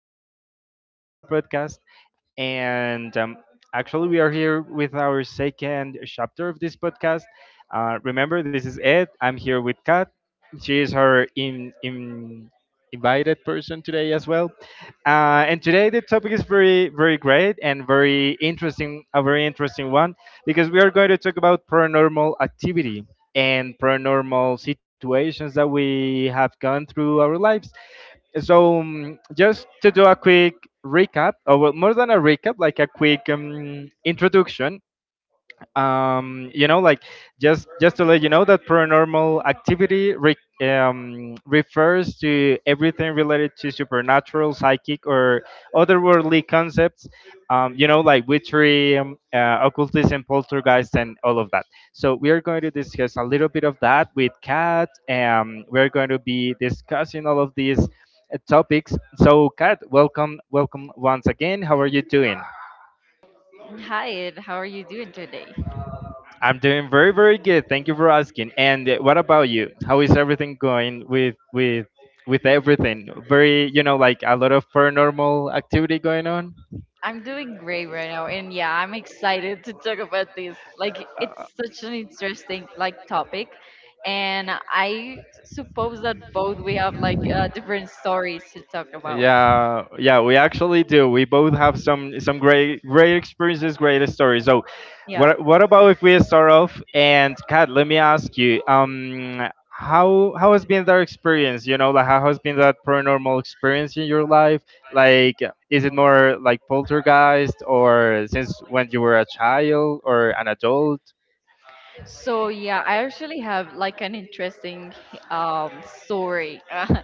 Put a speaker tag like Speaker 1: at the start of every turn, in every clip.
Speaker 1: here once again in our podcast, and actually, we are here with our second chapter of this podcast. Remember, this is Ed. I'm here with Kat. She is our invited person today as well. And today the topic is very great and a very interesting one, because we are going to talk about paranormal activity and paranormal situations that we have gone through our lives. So, just to do a quick recap, or well, more than a recap, like a quick introduction, um, you know like just to let you know that paranormal activity refers to everything related to supernatural, psychic or otherworldly concepts, witchery, occultism, poltergeist and all of that. So we are going to discuss a little bit of that with Kat. We're going to be discussing all of these topics. So Kat, welcome once again, how are you doing?
Speaker 2: Hi, Ed. How are you doing today?
Speaker 1: I'm doing very good. Thank you for asking. And what about you? How is everything going with with everything? Very, you know, like a lot of paranormal activity going on.
Speaker 2: I'm doing great right now, and yeah, I'm excited to talk about this. It's such an interesting topic, and I suppose that both we have different stories to talk about.
Speaker 1: Yeah, we actually do. We both have some great experiences, great stories. So,
Speaker 2: Yeah.
Speaker 1: what about if we start off? And Kat, let me ask you, how has been that experience? You know, like how has been that paranormal experience in your life? Like, is it more like poltergeist, or since when you were a child or an adult?
Speaker 2: I actually have like an interesting story.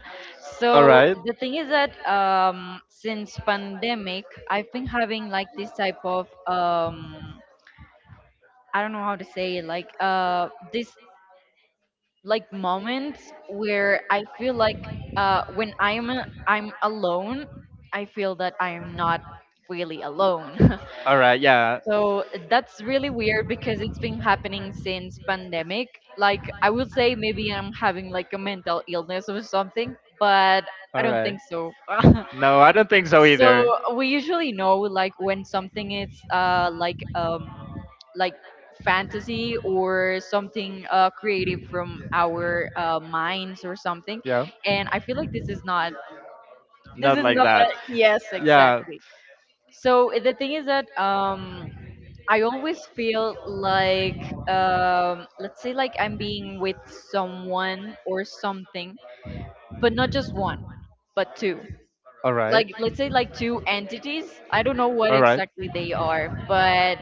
Speaker 1: All
Speaker 2: so
Speaker 1: right.
Speaker 2: the thing is that since pandemic, I've been having like this type of I don't know how to say it, this like moments where I feel like when I'm alone, I feel that I am not really alone.
Speaker 1: All right. Yeah.
Speaker 2: So that's really weird because it's been happening since pandemic. Like I would say maybe I'm having like a mental illness or something, but I
Speaker 1: All
Speaker 2: don't
Speaker 1: right.
Speaker 2: think so.
Speaker 1: No, I don't think so
Speaker 2: So
Speaker 1: either.
Speaker 2: we usually know like when something is like like fantasy or something creative from our minds or something.
Speaker 1: Yeah.
Speaker 2: And I feel like this is
Speaker 1: Not like
Speaker 2: not,
Speaker 1: that.
Speaker 2: yes,
Speaker 1: Yeah.
Speaker 2: exactly. So the thing is that I always feel like let's say like I'm being with someone or something, but not just one, but two,
Speaker 1: All
Speaker 2: like
Speaker 1: right.
Speaker 2: let's say like two entities. I don't know what
Speaker 1: All right.
Speaker 2: exactly they are, but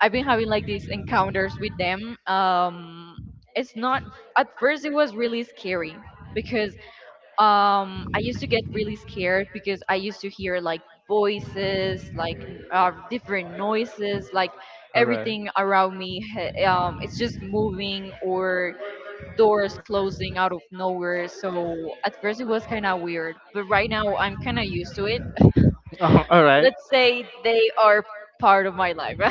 Speaker 2: I've been having like these encounters with them. It's not At first it was really scary because I used to get really scared because I used to hear like voices, like different noises, like
Speaker 1: All right.
Speaker 2: everything around me it's just moving, or doors closing out of nowhere. So at first it was kind of weird, but right now I'm kind of used to it.
Speaker 1: Oh, all right.
Speaker 2: Let's say they are part of my life.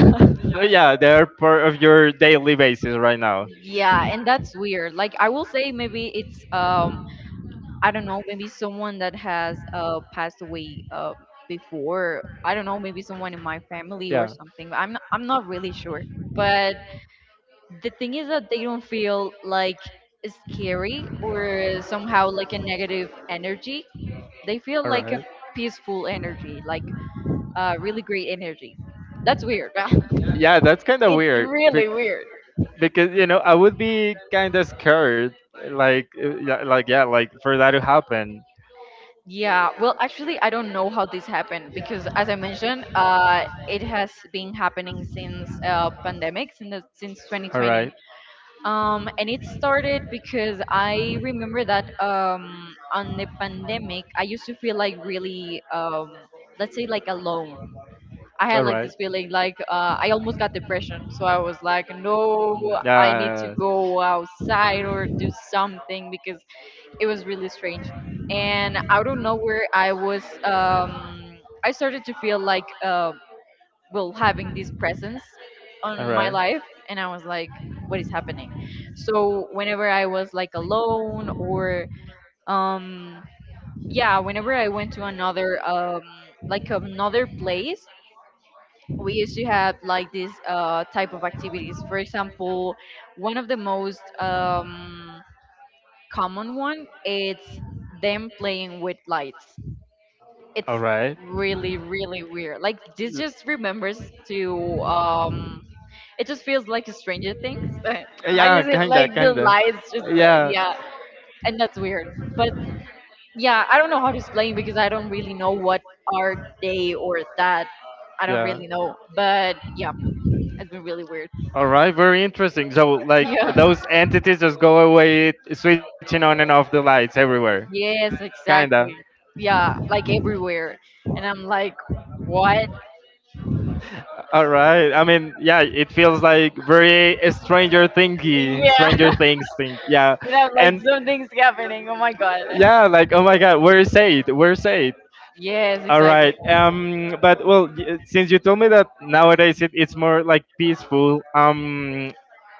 Speaker 1: Yeah, they're part of your daily basis right now.
Speaker 2: Yeah, and that's weird. Like I will say maybe it's I don't know, maybe someone that has passed away before. I don't know, maybe someone in my family or
Speaker 1: Yeah.
Speaker 2: something. I'm not really sure. But
Speaker 1: All right.
Speaker 2: the thing is that they don't feel like scary or somehow like a negative energy. They feel like a peaceful energy, like really great energy. That's weird.
Speaker 1: Yeah, that's kind of
Speaker 2: It's
Speaker 1: weird.
Speaker 2: really weird.
Speaker 1: Because you know, I would be kind of scared, like, for that to happen.
Speaker 2: Yeah, well, actually, I don't know how this happened because, as I mentioned, it has been happening since pandemic, since
Speaker 1: All
Speaker 2: 2020.
Speaker 1: right,
Speaker 2: And it started because I remember that on the pandemic, I used to feel like really, let's say, like alone. I
Speaker 1: all
Speaker 2: had like
Speaker 1: right.
Speaker 2: this feeling like I almost got depression. So I was like, no, I need to
Speaker 1: Uh,
Speaker 2: go outside or do something because it was really strange. And out of nowhere I was I started to feel like well, having this presence on my life, and I was like, what is happening? So whenever I was like alone or um yeah, whenever I went to another another place, we used to have like this type of activities. For example, one of the most common one, it's them playing with lights. It's really, really weird. Like this just remembers to um it just feels like a Stranger Things.
Speaker 1: Uh,
Speaker 2: How
Speaker 1: Yeah,
Speaker 2: is it
Speaker 1: kinda,
Speaker 2: like the
Speaker 1: kinda.
Speaker 2: lights just
Speaker 1: Yeah.
Speaker 2: yeah, and that's weird. But yeah, I don't know how to explain because I don't really know what are they or that. I don't
Speaker 1: Yeah.
Speaker 2: really know. But yeah, it's been really weird.
Speaker 1: All right, very interesting. So, like
Speaker 2: Yeah.
Speaker 1: those entities just go away, switching on and off the lights everywhere.
Speaker 2: Yes,
Speaker 1: Kinda.
Speaker 2: exactly. Yeah, like everywhere. And I'm like, what?
Speaker 1: All right. I mean, yeah, it feels like very
Speaker 2: Yeah,
Speaker 1: Stranger Things thing. Yeah,
Speaker 2: and I'm like,
Speaker 1: and
Speaker 2: something's happening. Oh my god.
Speaker 1: yeah, like oh my God, where is it? Where is it?
Speaker 2: Yes,
Speaker 1: All
Speaker 2: exactly.
Speaker 1: right. But well, since you told me that nowadays it's more like peaceful. Um,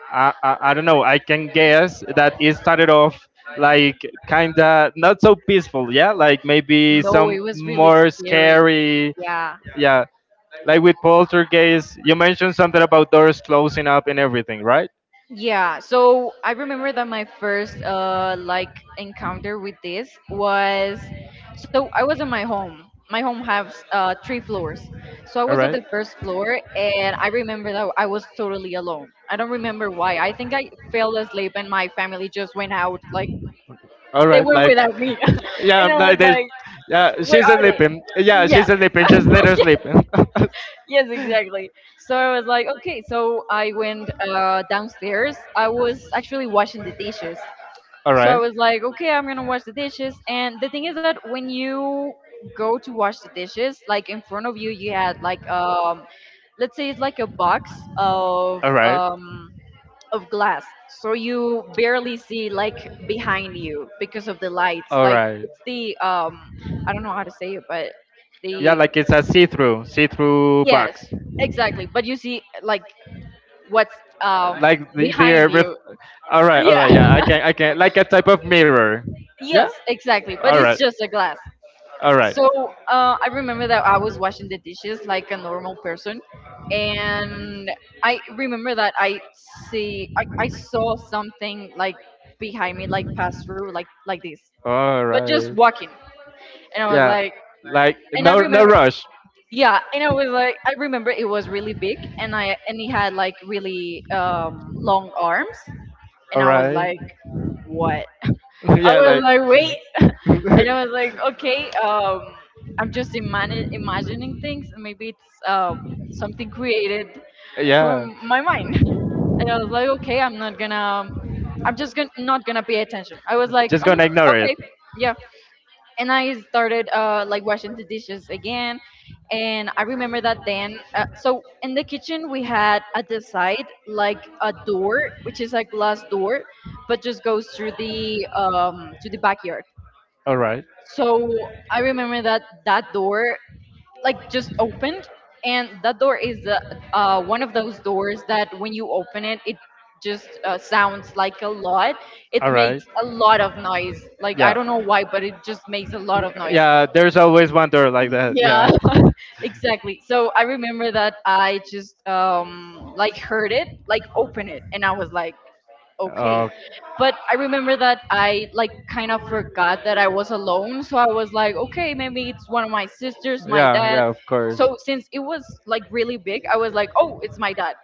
Speaker 1: I, I I don't know. I can guess that it started off like kinda not so peaceful. Yeah, like maybe
Speaker 2: No,
Speaker 1: some
Speaker 2: it was really
Speaker 1: more
Speaker 2: scary.
Speaker 1: scary.
Speaker 2: Yeah.
Speaker 1: Yeah. Like with poltergeist, you mentioned something about doors closing up and everything, right?
Speaker 2: Yeah, so I remember that my first encounter with this was, so I was in my home. My home has three floors. So I
Speaker 1: All
Speaker 2: was at the first floor and I remember that I was totally alone. I don't remember why. I think I fell asleep and my family just went out, like they went without me.
Speaker 1: yeah,
Speaker 2: And I
Speaker 1: like.
Speaker 2: was like,
Speaker 1: Yeah,
Speaker 2: where are they? Yeah,
Speaker 1: she's sleeping. Just let her sleep.
Speaker 2: yes, exactly. So I was like, okay. So I went downstairs. I was actually washing the dishes.
Speaker 1: All
Speaker 2: So
Speaker 1: right.
Speaker 2: I was like, okay, I'm gonna wash the dishes. And the thing is that when you go to wash the dishes, like in front of you, you had like let's say it's like a box of
Speaker 1: All right.
Speaker 2: um of glass. So you barely see like behind you because of the lights.
Speaker 1: All
Speaker 2: Like
Speaker 1: right.
Speaker 2: it's the I don't know how to say it, but
Speaker 1: Yeah,
Speaker 2: the
Speaker 1: like it's a see-through
Speaker 2: yes,
Speaker 1: box.
Speaker 2: exactly. But you see, like, what's
Speaker 1: Like the
Speaker 2: behind
Speaker 1: the ref-
Speaker 2: you.
Speaker 1: All right, all
Speaker 2: Yeah.
Speaker 1: right. Yeah, I can. Like a type of mirror. Yeah.
Speaker 2: Yes, exactly.
Speaker 1: All
Speaker 2: But
Speaker 1: right.
Speaker 2: it's just a glass.
Speaker 1: All right.
Speaker 2: So I remember that I was washing the dishes like a normal person, and I remember that I saw something like behind me, like pass through, like this,
Speaker 1: All
Speaker 2: but just
Speaker 1: right.
Speaker 2: walking, and I was
Speaker 1: Yeah.
Speaker 2: like,
Speaker 1: Like
Speaker 2: and I
Speaker 1: no, no
Speaker 2: remember,
Speaker 1: rush.
Speaker 2: yeah, and I was like, I remember it was really big, and I and he had like really long arms,
Speaker 1: All
Speaker 2: and I was
Speaker 1: right.
Speaker 2: like, "What?" I
Speaker 1: yeah,
Speaker 2: was
Speaker 1: like.
Speaker 2: like, "Wait," and I was like, "Okay, I'm just imagining things, and maybe it's something created from
Speaker 1: yeah.
Speaker 2: my mind." And I was like, "Okay, I'm just gonna not gonna pay attention." I was like, "Okay, yeah." And I started like washing the dishes again. And I remember that then, so in the kitchen we had at the side like a door, which is a glass door, but just goes through the to the backyard.
Speaker 1: All right.
Speaker 2: So I remember that that door like just opened, and that door is the one of those doors that when you open it, it just sounds like a lot.
Speaker 1: All
Speaker 2: It
Speaker 1: right.
Speaker 2: makes a lot of noise. Like I
Speaker 1: Yeah.
Speaker 2: don't know why, but it just makes a lot
Speaker 1: Mm.
Speaker 2: of noise.
Speaker 1: Yeah. There's always one door like that.
Speaker 2: Yeah,
Speaker 1: Yeah.
Speaker 2: exactly. So I remember that I just like heard it, like open it, and I was like, okay. But I remember that I like kind of forgot that I was alone, so I was like, okay, maybe it's one of my sisters, my
Speaker 1: Yeah,
Speaker 2: dad.
Speaker 1: yeah, of course.
Speaker 2: So since it was like really big, I was like, oh, it's my dad.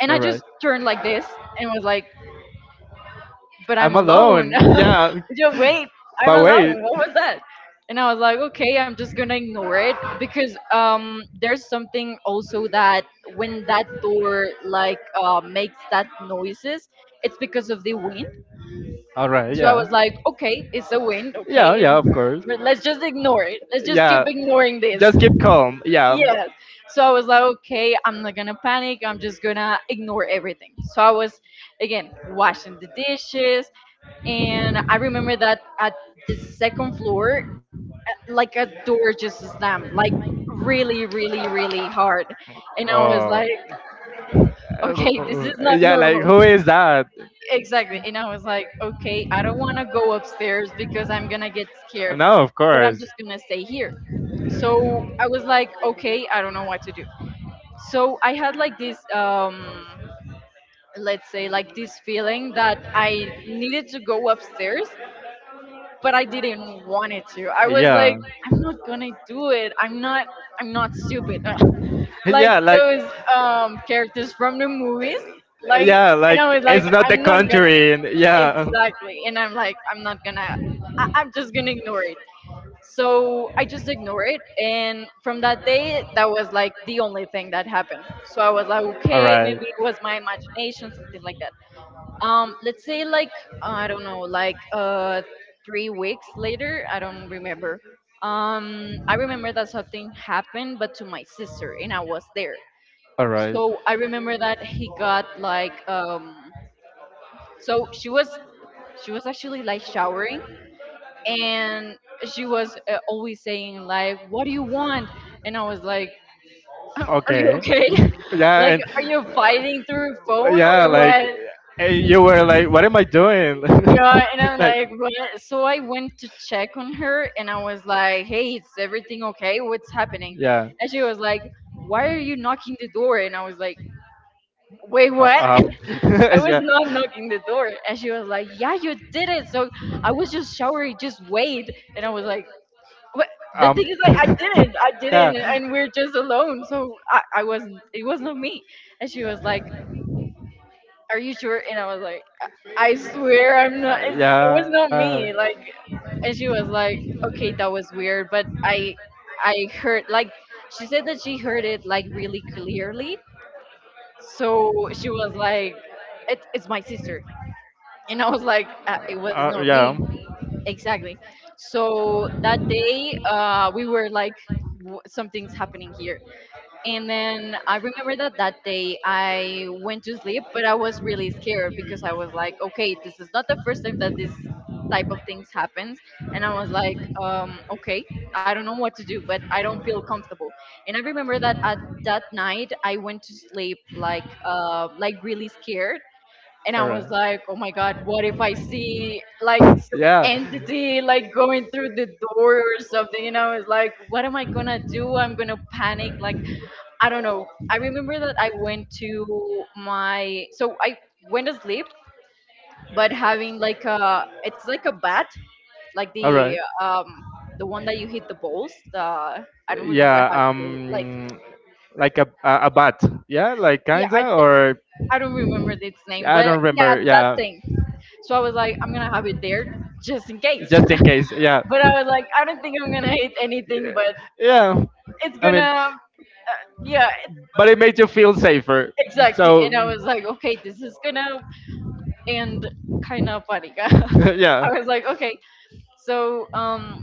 Speaker 2: And I
Speaker 1: All
Speaker 2: just
Speaker 1: right.
Speaker 2: turned like this and was like, but I'm
Speaker 1: I'm
Speaker 2: alone.
Speaker 1: alone. Yeah.
Speaker 2: Just wait, I'm
Speaker 1: But wait.
Speaker 2: alone. What was that? And I was like, okay, I'm just gonna ignore it because there's something also that when that door like makes that noises, it's because of the wind.
Speaker 1: All right,
Speaker 2: So I was
Speaker 1: yeah.
Speaker 2: like, okay, it's a wind,
Speaker 1: Yeah,
Speaker 2: okay,
Speaker 1: yeah,
Speaker 2: and
Speaker 1: of course.
Speaker 2: let's just ignore it. Let's just keep
Speaker 1: Yeah,
Speaker 2: ignoring this.
Speaker 1: just keep calm. Yeah.
Speaker 2: Yes. So I was like, okay, I'm not gonna panic. I'm just gonna ignore everything. So I was again washing the dishes, and I remember that at the second floor, like a door just slammed, like really, really, really hard, and I was
Speaker 1: Oh.
Speaker 2: like, okay, this is not
Speaker 1: Yeah, like
Speaker 2: normal.
Speaker 1: who is that?
Speaker 2: Exactly, and I was like, okay, I don't want to go upstairs because I'm gonna get scared,
Speaker 1: No, of
Speaker 2: but I'm
Speaker 1: course.
Speaker 2: just gonna stay here. So I was like, okay, I don't know what to do. So I had like this, let's say, like this feeling that I needed to go upstairs but I didn't want it to. I was like,
Speaker 1: Yeah.
Speaker 2: I'm not gonna do it. I'm not. I'm not stupid. Like
Speaker 1: yeah, like
Speaker 2: those characters from the movies. Like,
Speaker 1: yeah,
Speaker 2: and
Speaker 1: like
Speaker 2: I was like,
Speaker 1: it's not the
Speaker 2: I'm not gonna
Speaker 1: country, and yeah,
Speaker 2: exactly. And I'm like, I'm not gonna. I'm just gonna ignore it. So I just ignore it, and from that day, that was like the only thing that happened. So I was like,
Speaker 1: all
Speaker 2: okay, maybe
Speaker 1: right.
Speaker 2: it was my imagination, something like that. Let's say like I don't know, 3 weeks later, I don't remember. I remember that something happened but to my sister and I was there.
Speaker 1: All right.
Speaker 2: So I remember that he got like so she was, she was actually like showering, and she was always saying like, what do you want? And I was like, are you
Speaker 1: Okay.
Speaker 2: okay?
Speaker 1: yeah,
Speaker 2: Like,
Speaker 1: and
Speaker 2: are you fighting through phone
Speaker 1: yeah,
Speaker 2: or
Speaker 1: like
Speaker 2: what?
Speaker 1: and you were like, "What am I doing?"
Speaker 2: Yeah, and I'm
Speaker 1: like,
Speaker 2: like, what? So I went to check on her and I was like, hey, is everything okay? What's happening?
Speaker 1: yeah.
Speaker 2: And she was like, why are you knocking the door? And I was like, wait,
Speaker 1: Uh,
Speaker 2: what?
Speaker 1: um,
Speaker 2: I was
Speaker 1: yeah.
Speaker 2: not knocking the door. And she was like, yeah, you did it. So I was just showering, just wait. And I was like, what? The thing is, like, I didn't, and we're just alone. So I wasn't, it was not me. And she was like, are you sure? And I was like, I swear I'm not. It was not me. Like, and she was like, okay, that was weird, but I heard like, she said that she heard it like really clearly. So she was like, it's my sister, and I was like, it was not
Speaker 1: Yeah.
Speaker 2: me exactly. So that day, we were like, something's happening here. And then I remember that that day I went to sleep, but I was really scared because I was like, okay, this is not the first time that this type of things happens. And I was like, okay, I don't know what to do, but I don't feel comfortable. And I remember that at that night I went to sleep like really scared. And I
Speaker 1: All
Speaker 2: was
Speaker 1: right.
Speaker 2: like, oh my God, what if I see like
Speaker 1: Yeah.
Speaker 2: some entity like going through the door or something? And I was like, what am I gonna do? I'm gonna panic like I don't know. I remember that I went to sleep, but having like a it's like a bat, like
Speaker 1: All right.
Speaker 2: um the one that you hit the balls. The I don't remember
Speaker 1: Yeah.
Speaker 2: how to like
Speaker 1: Like a bat. Yeah, like
Speaker 2: yeah I
Speaker 1: kinda
Speaker 2: th-
Speaker 1: or
Speaker 2: I don't remember its name,
Speaker 1: I don't
Speaker 2: but yeah
Speaker 1: remember.
Speaker 2: that
Speaker 1: Yeah,
Speaker 2: thing. So I was like I'm gonna have it there just in case.
Speaker 1: just in case. Yeah.
Speaker 2: But I was like I don't think I'm gonna hit anything, but
Speaker 1: Yeah.
Speaker 2: it's
Speaker 1: I mean
Speaker 2: gonna uh, yeah. It,
Speaker 1: but it made you feel safer.
Speaker 2: exactly,
Speaker 1: So
Speaker 2: and I was like, okay, this is gonna and kind of panica. I
Speaker 1: yeah.
Speaker 2: was like, okay. So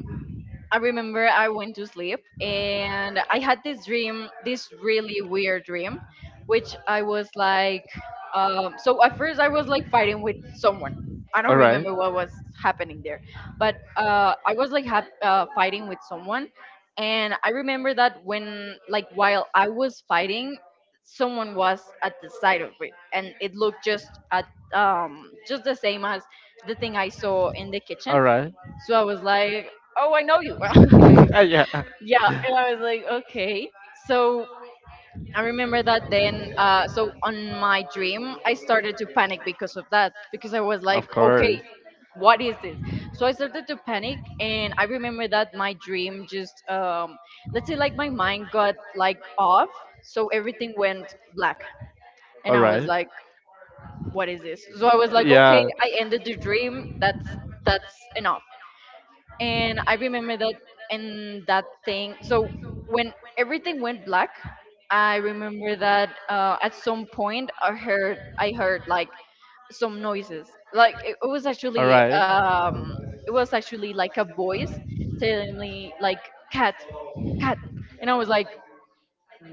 Speaker 2: I remember I went to sleep and I had this dream, this really weird dream, which I was like, so at first I was like fighting with someone. I don't
Speaker 1: All right.
Speaker 2: remember what was happening there, but I was like hap fighting with someone, and I remember that when like while I was fighting, someone was at the side of it, and it looked just at just the same as the thing I saw in the kitchen. So I was like, oh, I know you. Yeah, and I was like, okay. So I remember that then. So on my dream, I started to panic because of that, because I was like, okay, what is this? So I started to panic, and I remember that my dream just, let's say, like my mind got like off, so everything went black,
Speaker 1: All
Speaker 2: and I was
Speaker 1: right.
Speaker 2: like, what is this? So I was like,
Speaker 1: Yeah.
Speaker 2: okay, I ended the dream. That's enough, and I remember that and that thing. So when everything went black, I remember that at some point I heard like some noises. Like it,
Speaker 1: All right.
Speaker 2: it was actually like a voice telling me like cat cat, and I was like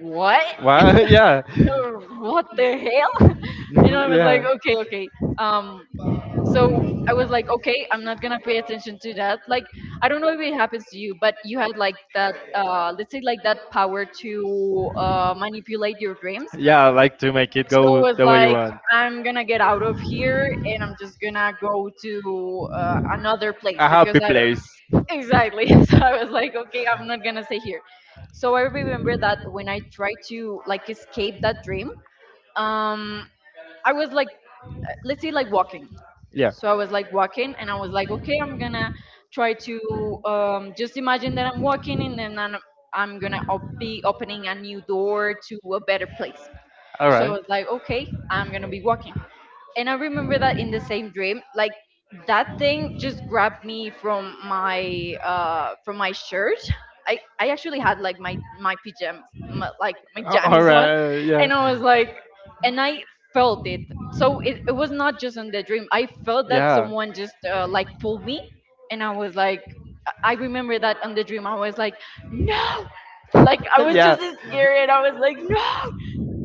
Speaker 2: what.
Speaker 1: Wow. Yeah.
Speaker 2: What the hell? And I was like,
Speaker 1: Yeah.
Speaker 2: okay, okay, um so I was like, okay, I'm not gonna pay attention to that. Like, I don't know if it happens to you, but you had like that, let's say like that power to manipulate your dreams.
Speaker 1: Yeah, like to make it
Speaker 2: So I
Speaker 1: go
Speaker 2: was
Speaker 1: the way you
Speaker 2: like,
Speaker 1: want.
Speaker 2: I'm gonna get out of here and I'm just gonna go to another place
Speaker 1: A
Speaker 2: because
Speaker 1: happy
Speaker 2: I
Speaker 1: place.
Speaker 2: don't exactly. So I was like, okay, I'm not gonna stay here. So I remember that when I tried to like escape that dream, um, I was like let's say like walking.
Speaker 1: Yeah.
Speaker 2: So I was like walking and I was like, okay, I'm gonna try to just imagine that I'm walking and then I'm gonna be opening a new door to a better place.
Speaker 1: All
Speaker 2: So I
Speaker 1: right.
Speaker 2: was like, okay, I'm gonna be walking and I remember that in the same dream, like that thing just grabbed me from my shirt. I actually had like my pajamas, like my
Speaker 1: All
Speaker 2: jammies on,
Speaker 1: right. Yeah.
Speaker 2: and I was like, and I felt it. So it was not just in the dream. I felt that
Speaker 1: Yeah.
Speaker 2: someone just like pulled me, and I was like. I remember that on the dream I was like, no, like I was
Speaker 1: yeah.
Speaker 2: just scared. I was like, no,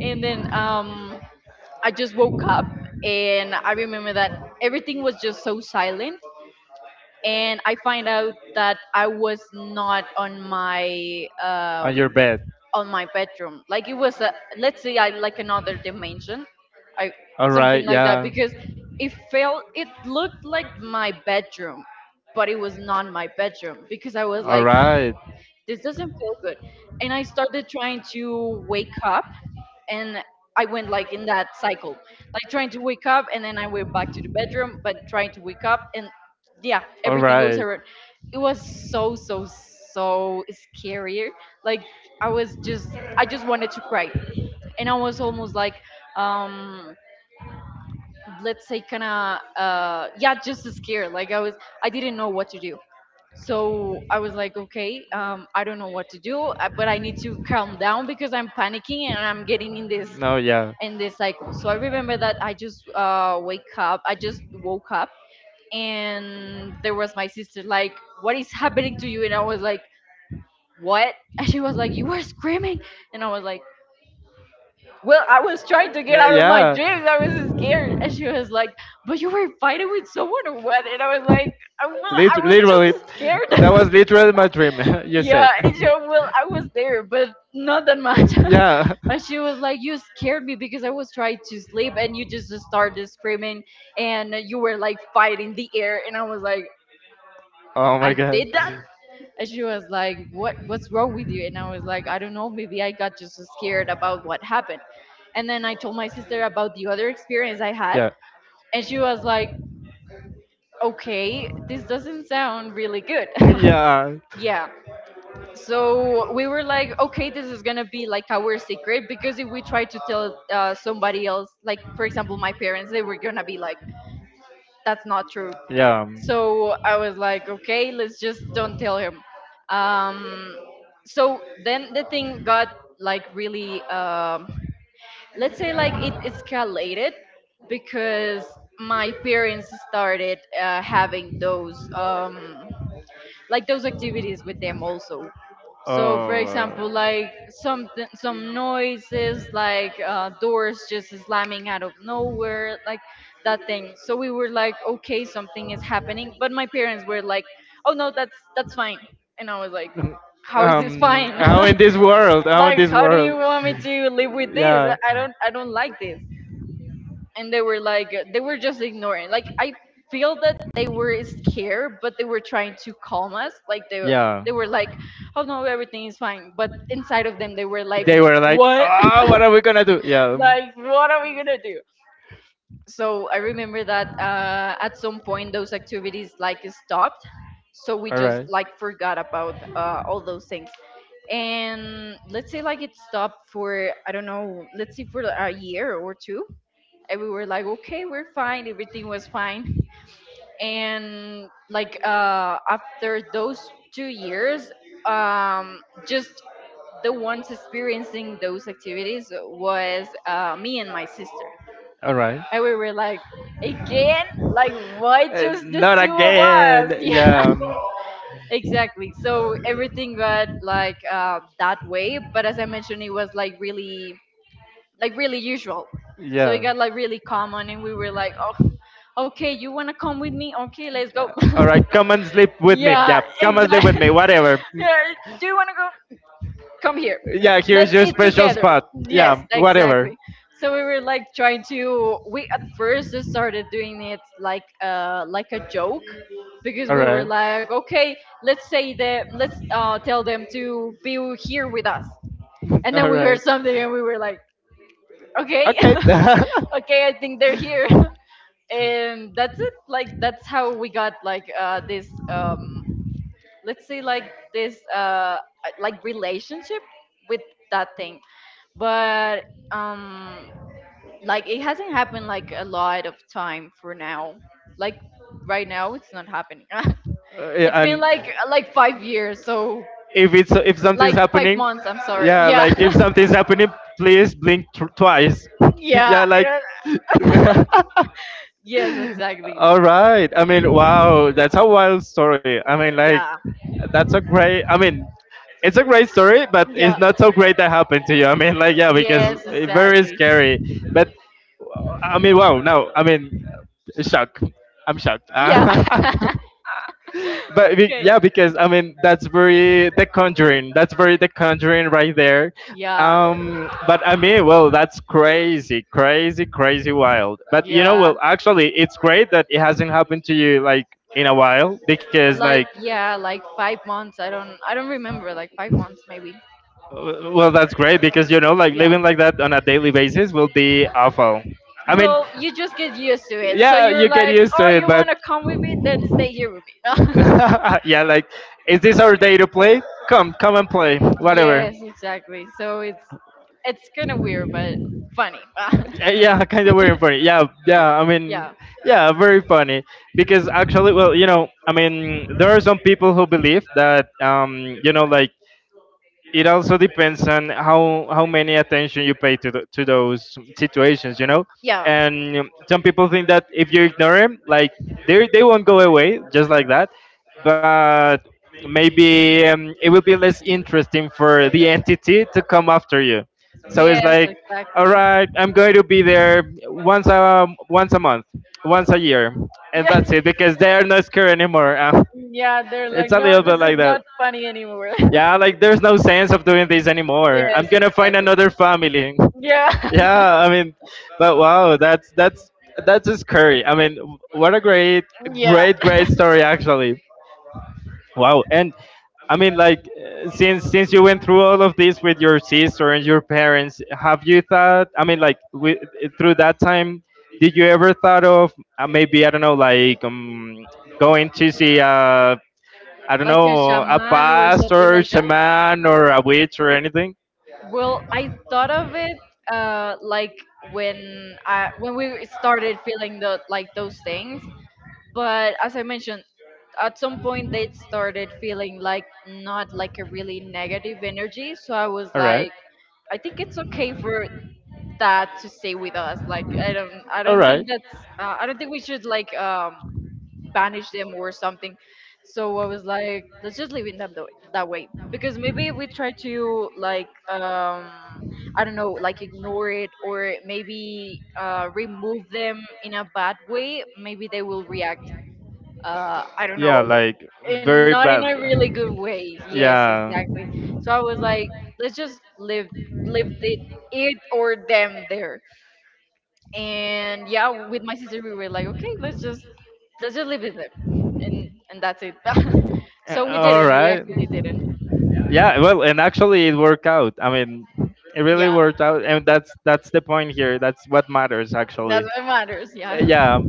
Speaker 2: and then I just woke up and I remember that everything was just so silent. And I find out that I was not on my
Speaker 1: bed.
Speaker 2: on my bedroom. Like it was a let's say I like another dimension, I something
Speaker 1: Right,
Speaker 2: like that
Speaker 1: yeah.
Speaker 2: because it felt it looked like my bedroom, but it was not my bedroom because I was like this doesn't feel good, and I started trying to wake up and I went like in that cycle, like trying to wake up, and then I went back to the bedroom, but trying to wake up, and yeah,
Speaker 1: All
Speaker 2: everything goes
Speaker 1: right.
Speaker 2: around. It was so so scarier. Like I was just, I just wanted to cry, and I was almost like, um, let's say, kind of, yeah, just scared. Like I was, I didn't know what to do. So I was like, okay, I don't know what to do, but I need to calm down because I'm panicking and I'm getting
Speaker 1: No, yeah.
Speaker 2: in this cycle. So I remember that I just wake up. I just woke up, and there was my sister like, "What is happening to you?" And I was like, "What?" And she was like, "You were screaming," and I was like. Well, I was trying to get out of my
Speaker 1: Yeah.
Speaker 2: dreams. I was scared. And she was like, but you were fighting with someone or what? And I was like, Well, I was just
Speaker 1: Literally, that was
Speaker 2: scared."
Speaker 1: literally my dream. you said.
Speaker 2: Yeah, and she, well, I was there, but not that much.
Speaker 1: yeah.
Speaker 2: And she was like, "You scared me because I was trying to sleep, and you just started screaming, and you were like fighting the air." And I was like,
Speaker 1: Oh my
Speaker 2: "I
Speaker 1: God.
Speaker 2: did that." And she was like, "What? What's wrong with you?" And I was like, "I don't know. Maybe I got just scared about what happened." And then I told my sister about the other experience I had,
Speaker 1: Yeah.
Speaker 2: and she was like, "Okay, this doesn't sound really good."
Speaker 1: Yeah.
Speaker 2: Yeah. So we were like, okay, this is gonna be like our secret because if we try to tell somebody else, like for example my parents, they were gonna be like, that's not true.
Speaker 1: Yeah.
Speaker 2: So I was like, okay, let's just don't tell him. Um, so then the thing got like really, let's say like it escalated because my parents started having those. Like those activities with them also. So, for
Speaker 1: Oh.
Speaker 2: example, like some noises, like doors just slamming out of nowhere, like that thing. So we were like,
Speaker 1: uh,
Speaker 2: okay, something is happening. But my parents were like, oh no, that's fine. And I was like, how is this fine?
Speaker 1: how in this world,
Speaker 2: Like, how do you want me to live with this?
Speaker 1: yeah,
Speaker 2: I don't like this, and they were like they were just ignoring, like I feel that they were scared but they were trying to calm us, like
Speaker 1: yeah
Speaker 2: they were like oh no everything is fine but inside of them they were like
Speaker 1: they were like
Speaker 2: what.
Speaker 1: oh what are we gonna do? Yeah
Speaker 2: Like what are we gonna do? So I remember that at some point those activities like stopped, so we
Speaker 1: all
Speaker 2: just
Speaker 1: right.
Speaker 2: like forgot about all those things, and let's say like it stopped for I don't know, let's say for a year or two. And we were like okay we're fine, everything was fine. And like after those 2 years, um, just the ones experiencing those activities was me and my sister,
Speaker 1: All right.
Speaker 2: and we were like again like why just the
Speaker 1: Not
Speaker 2: two of us.
Speaker 1: again.
Speaker 2: Yeah,
Speaker 1: Yeah.
Speaker 2: exactly. So everything got like that way, but as I mentioned it was like really usual, so it
Speaker 1: Yeah.
Speaker 2: got like really common and we were like oh okay you want to come with me okay let's go.
Speaker 1: Yeah. All right, come and sleep with me.
Speaker 2: Yeah, exactly.
Speaker 1: Whatever.
Speaker 2: Yeah, do you want to go? Come here.
Speaker 1: Yeah, here's
Speaker 2: Let's
Speaker 1: your
Speaker 2: eat
Speaker 1: special
Speaker 2: together.
Speaker 1: spot.
Speaker 2: Yes,
Speaker 1: Yeah, whatever.
Speaker 2: exactly. So we were like trying to. We at first just started doing it like a joke because
Speaker 1: All
Speaker 2: we were
Speaker 1: right.
Speaker 2: like, okay, let's say that let's tell them to be here with us. And then
Speaker 1: All
Speaker 2: we
Speaker 1: right.
Speaker 2: heard something and we were like, okay, okay, I think they're here. And that's it. Like that's how we got like this let's say like this like relationship with that thing. But um like it hasn't happened like a lot of time for now, like right now it's not happening.
Speaker 1: Okay,
Speaker 2: It's
Speaker 1: yeah,
Speaker 2: been
Speaker 1: and
Speaker 2: like 5 years, so
Speaker 1: if it's if something's
Speaker 2: like five
Speaker 1: happening,
Speaker 2: months I'm sorry,
Speaker 1: yeah,
Speaker 2: yeah.
Speaker 1: like if something's happening, please blink twice.
Speaker 2: Yeah,
Speaker 1: yeah, like.
Speaker 2: yes exactly.
Speaker 1: All right. I mean, wow, that's a wild story. I mean, like,
Speaker 2: Yeah.
Speaker 1: that's a great. I mean, it's a great story, but it's
Speaker 2: Yeah.
Speaker 1: not so great that happened to you. I mean, like, yeah, because
Speaker 2: Yes,
Speaker 1: it's very
Speaker 2: exactly.
Speaker 1: scary. But I mean, wow. No, I mean, shock. I'm shocked.
Speaker 2: Yeah.
Speaker 1: but
Speaker 2: Okay.
Speaker 1: yeah, because I mean that's very The Conjuring. That's very The Conjuring right there.
Speaker 2: Yeah.
Speaker 1: But I mean, well, that's crazy wild. But you know,
Speaker 2: Yeah.
Speaker 1: well, actually, it's great that it hasn't happened to you like in a while because like,
Speaker 2: Like yeah, like 5 months. I don't remember. Like 5 months maybe.
Speaker 1: well, that's great because you know, like
Speaker 2: Yeah.
Speaker 1: living like that on a daily basis will be awful. I mean,
Speaker 2: Well, you just get used to it. So
Speaker 1: yeah,
Speaker 2: you're
Speaker 1: you get
Speaker 2: like,
Speaker 1: used to
Speaker 2: oh,
Speaker 1: it,
Speaker 2: you
Speaker 1: but
Speaker 2: want to come with me? Then stay here with me.
Speaker 1: yeah, like, is this our day to play? Come and play, whatever.
Speaker 2: Yes, exactly. So it's kind of weird, but funny.
Speaker 1: Yeah, kind of weird and funny. Yeah, yeah. I mean,
Speaker 2: Yeah.
Speaker 1: yeah, very funny because actually, well, you know, I mean, there are some people who believe that, you know, like it also depends on how many attention you pay to to those situations, you know.
Speaker 2: Yeah.
Speaker 1: And some people think that if you ignore them, like they won't go away just like that, but maybe it will be less interesting for the entity to come after you. So it's
Speaker 2: Yes,
Speaker 1: like, all
Speaker 2: exactly.
Speaker 1: right, I'm going to be there once a month, once a year, and
Speaker 2: Yeah.
Speaker 1: that's it because they are not scared anymore.
Speaker 2: Yeah, they're
Speaker 1: It's
Speaker 2: like,
Speaker 1: a little
Speaker 2: no,
Speaker 1: bit
Speaker 2: this
Speaker 1: like
Speaker 2: is
Speaker 1: that.
Speaker 2: not funny anymore.
Speaker 1: Yeah, like there's no sense of doing this anymore.
Speaker 2: Yes,
Speaker 1: I'm gonna find
Speaker 2: exactly.
Speaker 1: another family.
Speaker 2: Yeah.
Speaker 1: Yeah, I mean, but wow, that's that's just scary. I mean, what a
Speaker 2: Yeah.
Speaker 1: great story actually. Wow, and I mean, like since you went through all of this with your sister and your parents, have you thought? I mean, through that time, did you ever thought of maybe I don't know, like going to see a I don't
Speaker 2: Like a
Speaker 1: know, a
Speaker 2: shaman or something like
Speaker 1: pastor,
Speaker 2: that.
Speaker 1: shaman, or a witch or anything?
Speaker 2: Well, I thought of it like when we started feeling the like those things, but as I mentioned, at some point they started feeling like not like a really negative energy. So I was
Speaker 1: All right.
Speaker 2: like, I think it's okay for that to stay with us. Like I don't I
Speaker 1: All
Speaker 2: don't think
Speaker 1: right.
Speaker 2: that's I don't think we should like banish them or something. So I was like, let's just leave that way because maybe if we try to like I don't know like ignore it or maybe remove them in a bad way, maybe they will react. I don't
Speaker 1: Yeah,
Speaker 2: know,
Speaker 1: like very
Speaker 2: in not
Speaker 1: bad.
Speaker 2: in a really good way. Yes,
Speaker 1: Yeah.
Speaker 2: exactly. So I was like, let's just leave leave it or them there. And yeah, with my sister we were like, okay, let's just leave it there, and that's it. So we
Speaker 1: All
Speaker 2: didn't we
Speaker 1: right.
Speaker 2: actually didn't.
Speaker 1: Yeah, well, and actually it worked out. I mean, it really
Speaker 2: Yeah,
Speaker 1: worked out, and that's the point here. That's what matters actually.
Speaker 2: that's what matters, yeah.
Speaker 1: Yeah,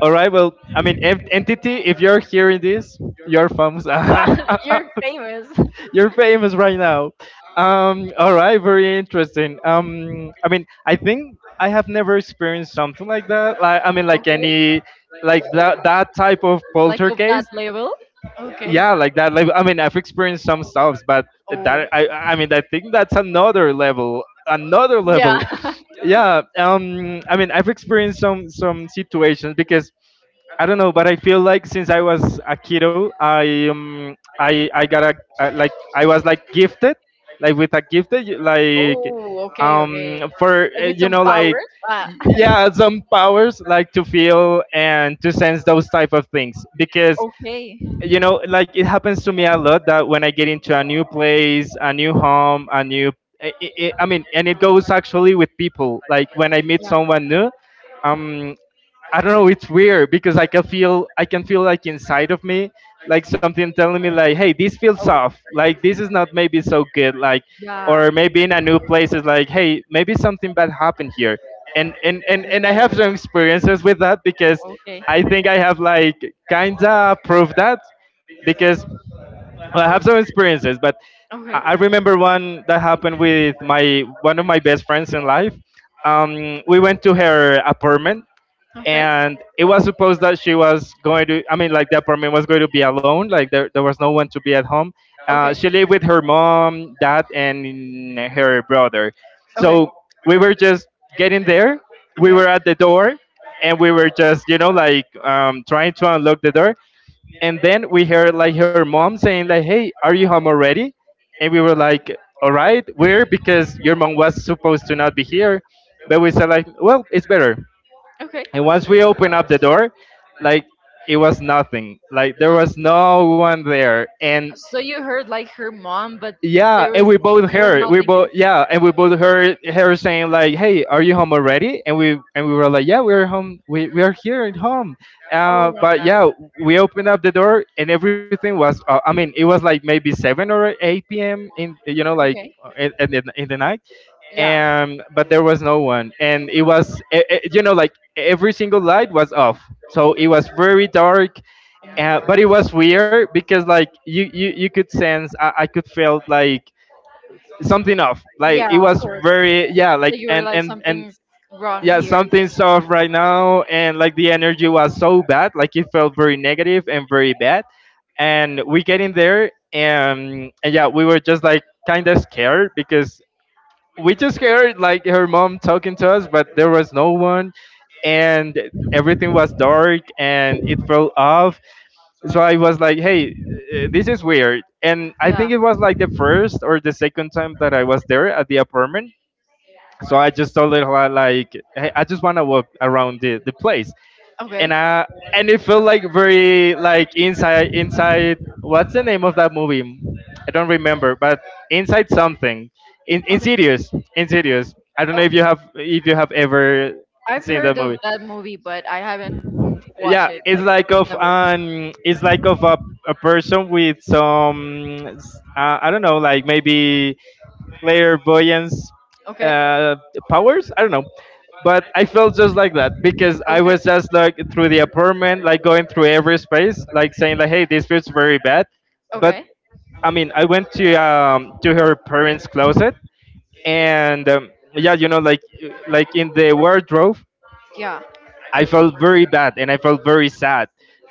Speaker 1: all right. Well, I mean, entity. If you're hearing this, you're famous.
Speaker 2: You're famous.
Speaker 1: you're famous right now. All right. Very interesting. I mean, I think I have never experienced something like that. Like, I mean, like
Speaker 2: Okay,
Speaker 1: any, like that type of
Speaker 2: like of that
Speaker 1: poltergeist.
Speaker 2: level. Okay.
Speaker 1: Yeah, like that. Like, I mean, I've experienced some stuffs, but
Speaker 2: Oh,
Speaker 1: that I. I mean, I think that's another level. Another
Speaker 2: yeah.
Speaker 1: level. Yeah. I mean, I've experienced some situations because I don't know, but I feel like since I was a kiddo, I got a like I was like gifted, like with a gifted like
Speaker 2: Oh, okay, okay.
Speaker 1: for
Speaker 2: Like with
Speaker 1: you
Speaker 2: some
Speaker 1: know
Speaker 2: power,
Speaker 1: like
Speaker 2: ah.
Speaker 1: yeah some powers like to feel and to sense those type of things because
Speaker 2: Okay.
Speaker 1: you know like it happens to me a lot that when I get into a new place, a new home, a new I mean, and it goes actually with people like when I meet
Speaker 2: Yeah.
Speaker 1: someone new. Um, I don't know. It's weird because I can feel like inside of me like something telling me like, hey, this feels
Speaker 2: Oh.
Speaker 1: off. Like this is not maybe so good. Like
Speaker 2: Yeah.
Speaker 1: or maybe in a new place it's like, hey, maybe something bad happened here. And I have some experiences with that because
Speaker 2: Oh. Okay.
Speaker 1: I think I have like kinda proved that because well, I have some experiences. But
Speaker 2: Okay.
Speaker 1: I
Speaker 2: Okay.
Speaker 1: remember one that happened with my one of my best friends in life. We went to her apartment,
Speaker 2: Okay. Okay.
Speaker 1: and it was supposed that she was going to, I mean, like the apartment was going to be alone, like there was no one to be at home. She lived with her mom, dad, and her brother. So we were just getting there, we
Speaker 2: Okay.
Speaker 1: were at the door, and we were just trying to unlock the door, and then we heard like her mom saying like, "Hey, are you home already?" And we were like, all right, weird, because your mom was supposed to not be here, but we said like, well, it's better.
Speaker 2: Okay.
Speaker 1: And once we opened up the door, like, it was nothing. Like there was no one there. And
Speaker 2: So you heard like her mom, but
Speaker 1: yeah,
Speaker 2: there
Speaker 1: and
Speaker 2: was
Speaker 1: we both
Speaker 2: there was
Speaker 1: heard we
Speaker 2: nothing.
Speaker 1: both yeah, and we both heard her saying like, "Hey, are you home already?" And we were like, "Yeah, we're home, we are here at home."
Speaker 2: Oh my
Speaker 1: But
Speaker 2: god.
Speaker 1: yeah, we opened up the door and everything was I mean, it was like maybe seven or eight PM in, you know, like
Speaker 2: Okay.
Speaker 1: in the night. And but there was no one, and it was you know, like every single light was off, so it was very dark.
Speaker 2: Oh my
Speaker 1: But it
Speaker 2: god.
Speaker 1: was weird, because like you could sense, I could feel like something off, like it
Speaker 2: Yeah, of
Speaker 1: was
Speaker 2: course.
Speaker 1: very, yeah, like,
Speaker 2: That you were
Speaker 1: and
Speaker 2: like,
Speaker 1: and and
Speaker 2: something's wrong
Speaker 1: yeah,
Speaker 2: here.
Speaker 1: something's off right now. And like the energy was so bad, like it felt very negative and very bad. And we get in there, and yeah, we were just like kind of scared because we just heard like her mom talking to us, but there was no one, and everything was dark and it felt off. So I was like, hey, this is weird. And I
Speaker 2: Yeah.
Speaker 1: think it was like the first or the second time that I was there at the apartment. So I just told her, like, hey, I just want to walk around the place. And
Speaker 2: Okay.
Speaker 1: I, and it felt like very like inside, inside, what's the name of that movie? I don't remember, but inside something, in,
Speaker 2: Okay.
Speaker 1: Insidious, Insidious. I don't know
Speaker 2: Oh,
Speaker 1: if you have ever
Speaker 2: I've
Speaker 1: seen
Speaker 2: heard
Speaker 1: that
Speaker 2: of
Speaker 1: movie.
Speaker 2: that movie, but I haven't
Speaker 1: Yeah,
Speaker 2: watched it.
Speaker 1: it's
Speaker 2: Like,
Speaker 1: like of
Speaker 2: never.
Speaker 1: an, it's like of a person with some I don't know, like maybe clairvoyance
Speaker 2: Okay.
Speaker 1: uh, powers. I don't know, but I felt just like that, because I
Speaker 2: Okay.
Speaker 1: was just like through the apartment, like going through every space, like saying like, "Hey, this feels very bad." But
Speaker 2: Okay.
Speaker 1: I mean, I went to her parents' closet, and yeah, you know, like in the wardrobe,
Speaker 2: Yeah.
Speaker 1: I felt very bad and I felt very sad.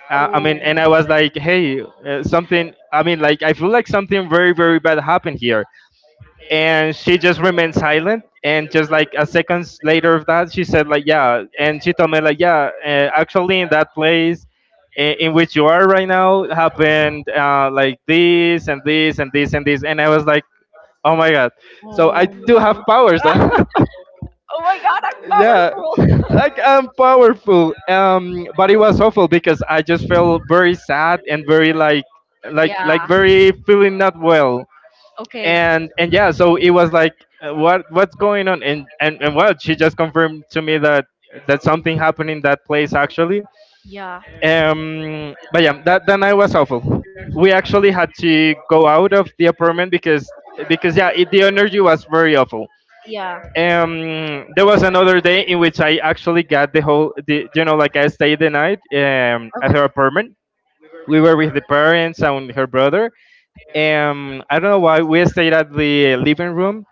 Speaker 1: I
Speaker 2: Oh.
Speaker 1: mean, and I was like, "Hey, something." I mean, like I feel like something very very bad happened here. And she just remained silent, and just like a seconds later of that, she said like, yeah, and she told me like, yeah, actually in that place, in which you are right now, happened like this and this and this and this. And I was like, oh my god,
Speaker 2: Oh
Speaker 1: so I do
Speaker 2: no.
Speaker 1: have powers.
Speaker 2: Oh my god, I'm
Speaker 1: Yeah,
Speaker 2: powerful.
Speaker 1: like I'm powerful. But it was awful, because I just felt very sad and very like, like
Speaker 2: Yeah.
Speaker 1: very feeling not well.
Speaker 2: Okay.
Speaker 1: And yeah, so it was like, what, what's going on. And well, she just confirmed to me that that something happened in that place actually.
Speaker 2: Yeah.
Speaker 1: But yeah, that night was awful. We actually had to go out of the apartment because yeah, it, the energy was very awful.
Speaker 2: Yeah.
Speaker 1: There was another day in which I actually got the whole, the, you know, like I stayed the night at
Speaker 2: Okay.
Speaker 1: her apartment. We were with the parents and her brother. I don't know why we stayed at the living room.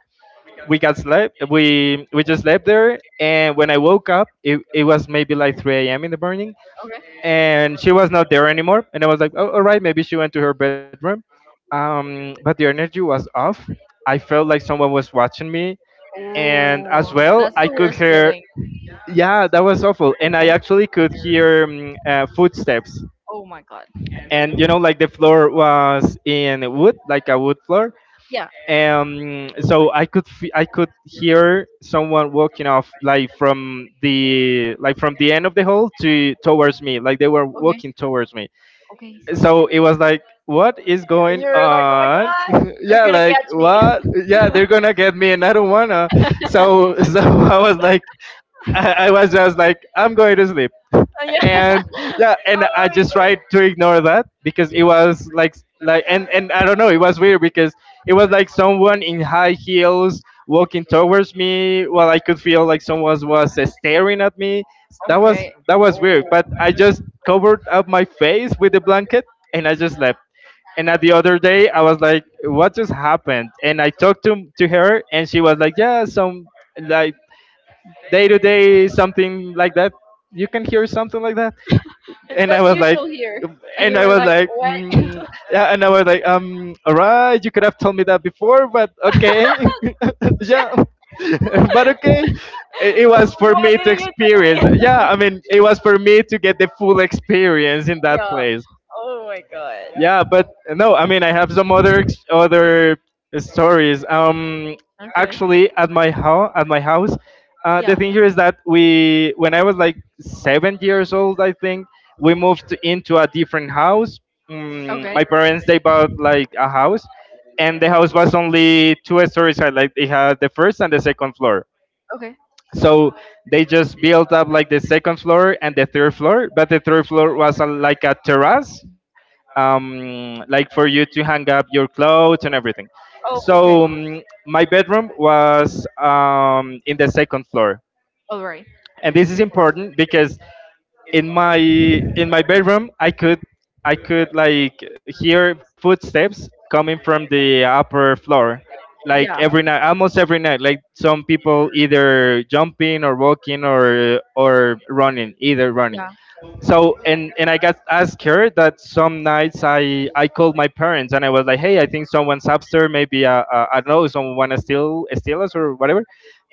Speaker 1: We got slept, we just slept there, and when I woke up, it was maybe like 3 a.m in the morning,
Speaker 2: Okay.
Speaker 1: and she was not there anymore. And I was like, oh, all right, maybe she went to her bedroom. But the energy was off. I felt like someone was watching me, and as
Speaker 2: Oh,
Speaker 1: well
Speaker 2: that's
Speaker 1: I
Speaker 2: the
Speaker 1: could
Speaker 2: worst
Speaker 1: hear,
Speaker 2: feeling.
Speaker 1: yeah, that was awful. And I
Speaker 2: Okay.
Speaker 1: actually could hear footsteps.
Speaker 2: Oh my god.
Speaker 1: And you know, like the floor was in wood, like a wood floor.
Speaker 2: Yeah.
Speaker 1: So I could I could hear someone walking off, like from the, like from the end of the hall to, towards me, like they were
Speaker 2: Okay.
Speaker 1: walking towards me.
Speaker 2: Okay.
Speaker 1: So it was like, what is going
Speaker 2: You're like, oh my
Speaker 1: on?
Speaker 2: god, they're
Speaker 1: Yeah,
Speaker 2: gonna
Speaker 1: like,
Speaker 2: catch me.
Speaker 1: what, yeah, they're gonna get me and I don't wanna. So so I was like, I was just like, I'm going to sleep.
Speaker 2: Oh, yeah.
Speaker 1: And yeah, and
Speaker 2: Oh
Speaker 1: I
Speaker 2: my
Speaker 1: just
Speaker 2: god.
Speaker 1: tried to ignore that, because it was like, and I don't know, it was weird because it was like someone in high heels walking towards me, while I could feel like someone was staring at me. that was
Speaker 2: Okay.
Speaker 1: that was weird, but I just covered up my face with a blanket, and I just slept. And at the other day I was like, what just happened? And I talked to her, and she was like, yeah, some, like, day to day something like that, you can hear something like that." And I
Speaker 2: That's
Speaker 1: was like,
Speaker 2: usual here. And
Speaker 1: and
Speaker 2: you
Speaker 1: I
Speaker 2: were
Speaker 1: was
Speaker 2: like,
Speaker 1: like,
Speaker 2: what?
Speaker 1: mm, yeah, and I was like, all right, you could have told me that before, but okay, yeah, but okay, it was for
Speaker 2: Why
Speaker 1: me to
Speaker 2: didn't you tell
Speaker 1: experience.
Speaker 2: me?
Speaker 1: Yeah, I mean, it was for me to get the full experience in that
Speaker 2: Yeah.
Speaker 1: place.
Speaker 2: Oh my
Speaker 1: Yeah,
Speaker 2: god.
Speaker 1: but no, I mean, I have some other other stories.
Speaker 2: Okay.
Speaker 1: Actually, at my house, the
Speaker 2: Yeah.
Speaker 1: thing here is that we, when I was like 7 years old, I think we moved into a different house. Mm,
Speaker 2: Okay.
Speaker 1: my parents, they bought like a house, and the house was only two stories high. Like it had the first and the second floor.
Speaker 2: Okay.
Speaker 1: So they just built up like the second floor and the third floor, but the third floor was a, like a terrace, like for you to hang up your clothes and everything.
Speaker 2: Oh, okay.
Speaker 1: So my bedroom was in the second floor,
Speaker 2: All right.
Speaker 1: and this is important because in my bedroom I could, I could like hear footsteps coming from the upper floor, like
Speaker 2: Yeah.
Speaker 1: every night, almost every night. Like some people either jumping or walking, or running, either running.
Speaker 2: Yeah.
Speaker 1: So and I got asked her that some nights I called my parents, and I was like, hey, I think someone's upstairs, maybe I don't know, someone wanna steal us or whatever.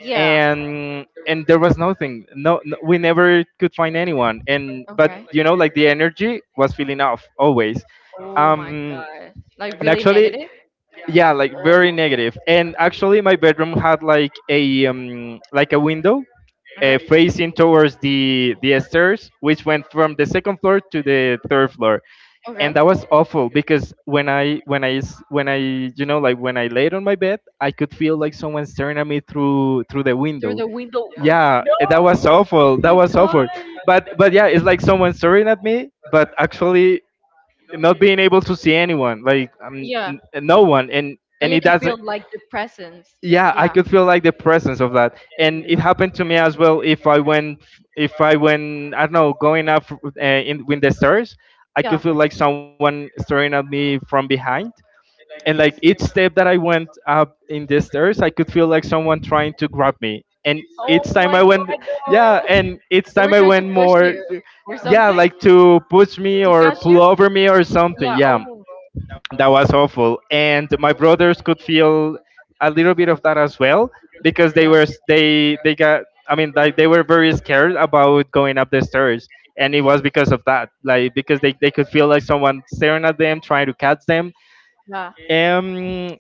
Speaker 2: Yeah.
Speaker 1: And there was nothing, no, we never could find anyone. And but
Speaker 2: Okay.
Speaker 1: you know, like the energy was feeling off always.
Speaker 2: Oh my
Speaker 1: um
Speaker 2: god. Like
Speaker 1: and
Speaker 2: really
Speaker 1: actually,
Speaker 2: negative?
Speaker 1: yeah, like very negative, negative. And actually my bedroom had like a window,
Speaker 2: Okay.
Speaker 1: facing towards the stairs, which went from the second floor to the third floor.
Speaker 2: Okay.
Speaker 1: And that was awful, because when I, when I, you know, like when I laid on my bed, I could feel like someone staring at me through, through the
Speaker 2: Through
Speaker 1: window.
Speaker 2: the window. Oh,
Speaker 1: Yeah,
Speaker 2: no.
Speaker 1: that was awful.
Speaker 2: Oh my
Speaker 1: That was
Speaker 2: god.
Speaker 1: awful. But yeah, it's like someone staring at me, but actually not being able to see anyone, like
Speaker 2: Yeah.
Speaker 1: no one,
Speaker 2: But you
Speaker 1: and it
Speaker 2: can
Speaker 1: does,
Speaker 2: feel like the presence.
Speaker 1: yeah,
Speaker 2: Yeah.
Speaker 1: I could feel like the presence of that. And it happened to me as well, if I went, if I went, I don't know, going up in with the stairs, I
Speaker 2: Yeah.
Speaker 1: could feel like someone staring at me from behind. And like each step that I went up in the stairs, I could feel like someone trying to grab me. And each time I went, yeah, and each
Speaker 2: They were
Speaker 1: time I
Speaker 2: trying to
Speaker 1: went
Speaker 2: push
Speaker 1: more,
Speaker 2: you or
Speaker 1: yeah,
Speaker 2: something,
Speaker 1: like to push me
Speaker 2: to
Speaker 1: or
Speaker 2: catch you.
Speaker 1: pull over me or
Speaker 2: Yeah.
Speaker 1: something, yeah.
Speaker 2: Oh.
Speaker 1: That was awful. And my brothers could feel a little bit of that as well, because they
Speaker 2: Yeah.
Speaker 1: were s- they they got, I mean, like they were very scared about going up the stairs. And it was because of that, like because they could feel like someone staring at them, trying to catch them.
Speaker 2: Yeah.
Speaker 1: um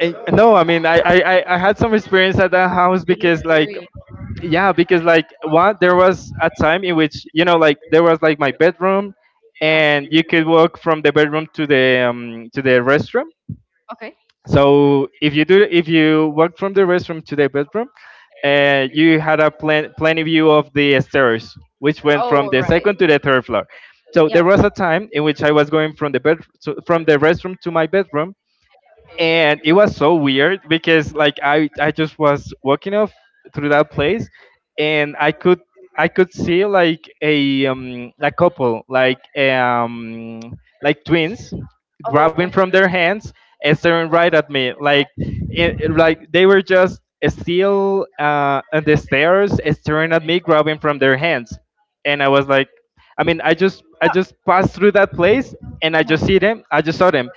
Speaker 1: and no, I mean, I had some experience at that house,
Speaker 2: Really
Speaker 1: because like,
Speaker 2: scary.
Speaker 1: yeah, because like what, there was a time in which, you know, like there was like my bedroom,
Speaker 2: Yeah.
Speaker 1: and you could walk from the bedroom to the restroom.
Speaker 2: Okay.
Speaker 1: So if you do, if you walk from the restroom to the bedroom, you had a plenty view of the stairs, which went
Speaker 2: Oh,
Speaker 1: from
Speaker 2: all
Speaker 1: the
Speaker 2: right.
Speaker 1: second to the third floor. So there
Speaker 2: Yeah.
Speaker 1: was a time in which I was going from from the restroom to my bedroom, and it was so weird because like I just was walking off through that place, and I could see like a couple like twins
Speaker 2: Oh,
Speaker 1: grabbing
Speaker 2: okay.
Speaker 1: from their hands and staring right at me like they were just still on the stairs staring at me grabbing from their hands, and I was like, I mean I just
Speaker 2: Ah,
Speaker 1: passed through that place and
Speaker 2: yeah.
Speaker 1: I just saw them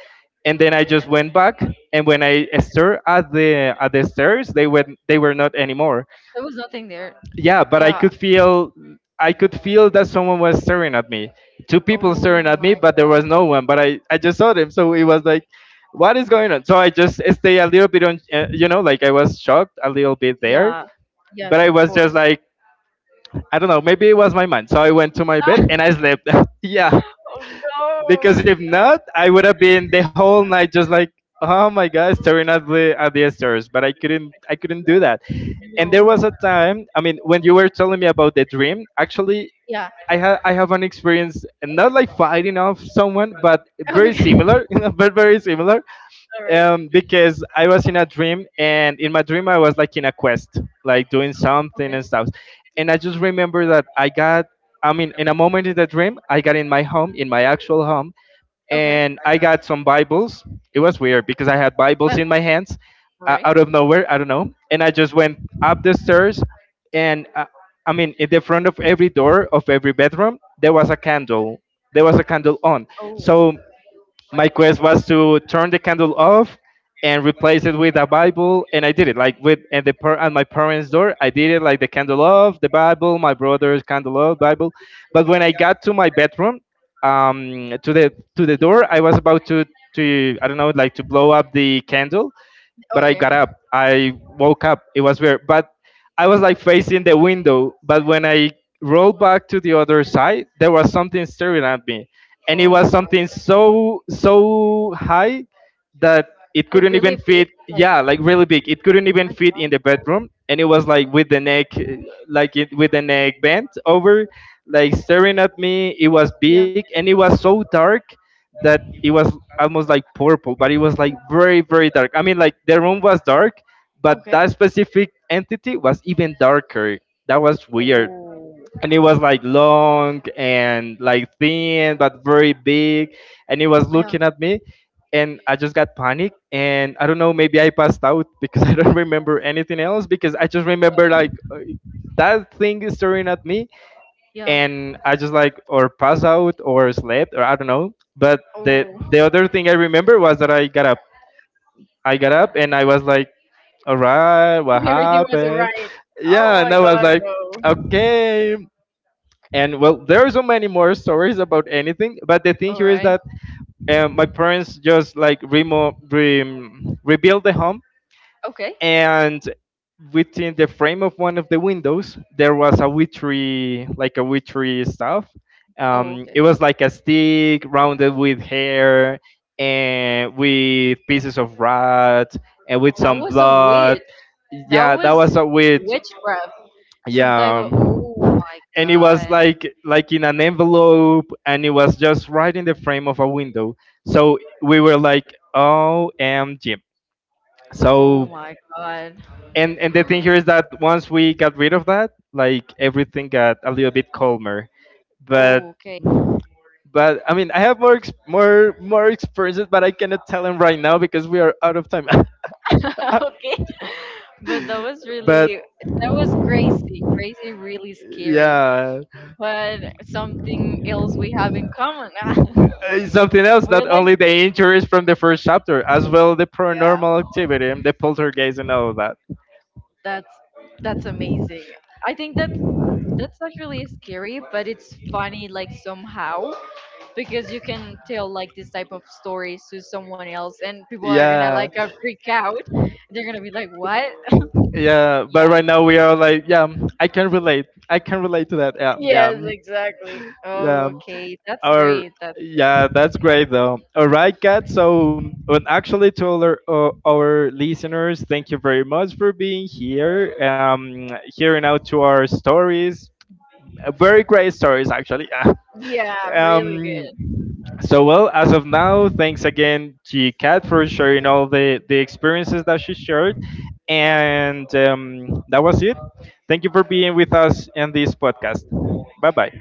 Speaker 1: and then I just went back. And when I stared at the stairs, they were not anymore.
Speaker 2: There was nothing there.
Speaker 1: Yeah, but
Speaker 2: Yeah.
Speaker 1: I could feel that someone was staring at me. Two people staring
Speaker 2: Oh
Speaker 1: at me,
Speaker 2: my
Speaker 1: but there
Speaker 2: God.
Speaker 1: was no one. But I just saw them, so it was like, what is going on? So I just stay a little bit on, like I was shocked a little bit there.
Speaker 2: Yeah. Yes,
Speaker 1: But I
Speaker 2: of
Speaker 1: was just
Speaker 2: course.
Speaker 1: like, I don't know, maybe it was my mind. So I went to my bed and I slept. Yeah.
Speaker 2: Oh
Speaker 1: Because
Speaker 2: no.
Speaker 1: if not, I would have been the whole night just like, oh my god, staring at the stars. But I couldn't do that. And there was
Speaker 2: No.
Speaker 1: a time, I mean, when you were telling me about the dream, actually
Speaker 2: Yeah.
Speaker 1: I have an experience not like fighting off someone, but very
Speaker 2: Okay.
Speaker 1: similar, but very similar.
Speaker 2: All right.
Speaker 1: Because I was in a dream, and in my dream I was like in a quest, like doing something
Speaker 2: Okay.
Speaker 1: and stuff. And I just remember that I mean, in a moment in the dream, I got in my home, in my actual home,
Speaker 2: Okay.
Speaker 1: and I got some Bibles. It was weird because I had
Speaker 2: Well,
Speaker 1: Bibles in my hands
Speaker 2: all right.
Speaker 1: out of nowhere. I don't know. And I just went up the stairs, and I mean, in the front of every door of every bedroom, there was a candle. There was a candle on.
Speaker 2: Oh.
Speaker 1: So my quest was to turn the candle off and replace it with a bible, and I did it like with, and the at my parents door I did it like the candle off, the bible, my brother's candle off, bible. But when I got to my bedroom, to the door, I was about to, I don't know, like to blow up the candle,
Speaker 2: Oh
Speaker 1: but I got
Speaker 2: yeah.
Speaker 1: up. I woke up. It was weird, but I was like facing the window. But when I rolled back to the other side, there was something staring at me, and
Speaker 2: Oh
Speaker 1: it
Speaker 2: my.
Speaker 1: was something so so high that it
Speaker 2: Like
Speaker 1: couldn't
Speaker 2: really
Speaker 1: even
Speaker 2: big.
Speaker 1: fit.
Speaker 2: Like.
Speaker 1: Yeah,
Speaker 2: My
Speaker 1: like really big. It couldn't even
Speaker 2: God.
Speaker 1: fit in the bedroom, and it was like with the neck, like it, with the neck bent over, like staring at me. It was
Speaker 2: Yeah.
Speaker 1: big, and it was so dark that it was almost like purple, but it was like very, very dark. I mean, like the room was dark, but
Speaker 2: Okay.
Speaker 1: that specific entity was even darker. That was weird.
Speaker 2: Oh.
Speaker 1: And it was like long and like thin, but very big. And it was
Speaker 2: Yeah.
Speaker 1: looking at me. And I just got panicked. And I don't know, maybe I passed out because I don't remember anything else because I just remember like that thing is staring at me
Speaker 2: Yeah.
Speaker 1: and I just like or passed out or slept or I don't know. But the
Speaker 2: Oh.
Speaker 1: the other thing I remember was that I got up. I got up and I was like, all right, what
Speaker 2: And everything was
Speaker 1: happened?
Speaker 2: alright. Oh
Speaker 1: Yeah, and
Speaker 2: my
Speaker 1: I was
Speaker 2: god,
Speaker 1: like,
Speaker 2: no.
Speaker 1: okay. And well, there are so many more stories about anything, but the thing here is
Speaker 2: Alright.
Speaker 1: that my parents just like rebuilt the home,
Speaker 2: Okay.
Speaker 1: and within the frame of one of the windows there was a witchery, like a witchery stuff.
Speaker 2: Oh, okay.
Speaker 1: It was like a stick rounded with hair and with pieces of rat and with
Speaker 2: That
Speaker 1: some
Speaker 2: was a
Speaker 1: blood.
Speaker 2: witch. That
Speaker 1: Yeah, that
Speaker 2: was
Speaker 1: was a witch.
Speaker 2: witchcraft. Some type
Speaker 1: Yeah.
Speaker 2: of. Oh my
Speaker 1: And it was
Speaker 2: god.
Speaker 1: like in an envelope, and it was just right in the frame of a window. So we were like, oh, omg.
Speaker 2: Oh
Speaker 1: So,
Speaker 2: my god.
Speaker 1: and the thing here is that once we got rid of that, like everything got a little bit calmer. But
Speaker 2: Oh, okay.
Speaker 1: but I mean, I have more ex- more more experiences, but I cannot tell them right now because we are out of time.
Speaker 2: Okay. But that was
Speaker 1: But
Speaker 2: really. That was crazy. Crazy, really scary.
Speaker 1: yeah.
Speaker 2: But something else we have in common.
Speaker 1: Something else. Not
Speaker 2: We're like,
Speaker 1: only the injuries from the first chapter, as well the
Speaker 2: yeah,
Speaker 1: paranormal activity and the poltergeist and all of that.
Speaker 2: that's that's amazing. I think that that's actually scary, but it's funny like somehow, because you can tell like this type of stories to someone else and people are gonna
Speaker 1: Yeah.
Speaker 2: freak out. They're gonna be like, "What?"
Speaker 1: Yeah, but
Speaker 2: Yeah.
Speaker 1: right now we are like, yeah, mm, I can relate. I can relate to that. Yeah, yeah,
Speaker 2: Yes,
Speaker 1: mm,
Speaker 2: exactly.
Speaker 1: yeah.
Speaker 2: Oh, okay. That's
Speaker 1: Or
Speaker 2: great. That's great.
Speaker 1: yeah, that's great though. All right, Kat. So, and actually, to all our listeners, thank you very much for being here, hearing out to our stories. Very great stories, actually.
Speaker 2: Yeah, really
Speaker 1: Um,
Speaker 2: good.
Speaker 1: so well, as of now, thanks again to Kat for sharing all the experiences that she shared,
Speaker 2: Yeah.
Speaker 1: and that was it. Thank you for being with us in this podcast. Bye bye.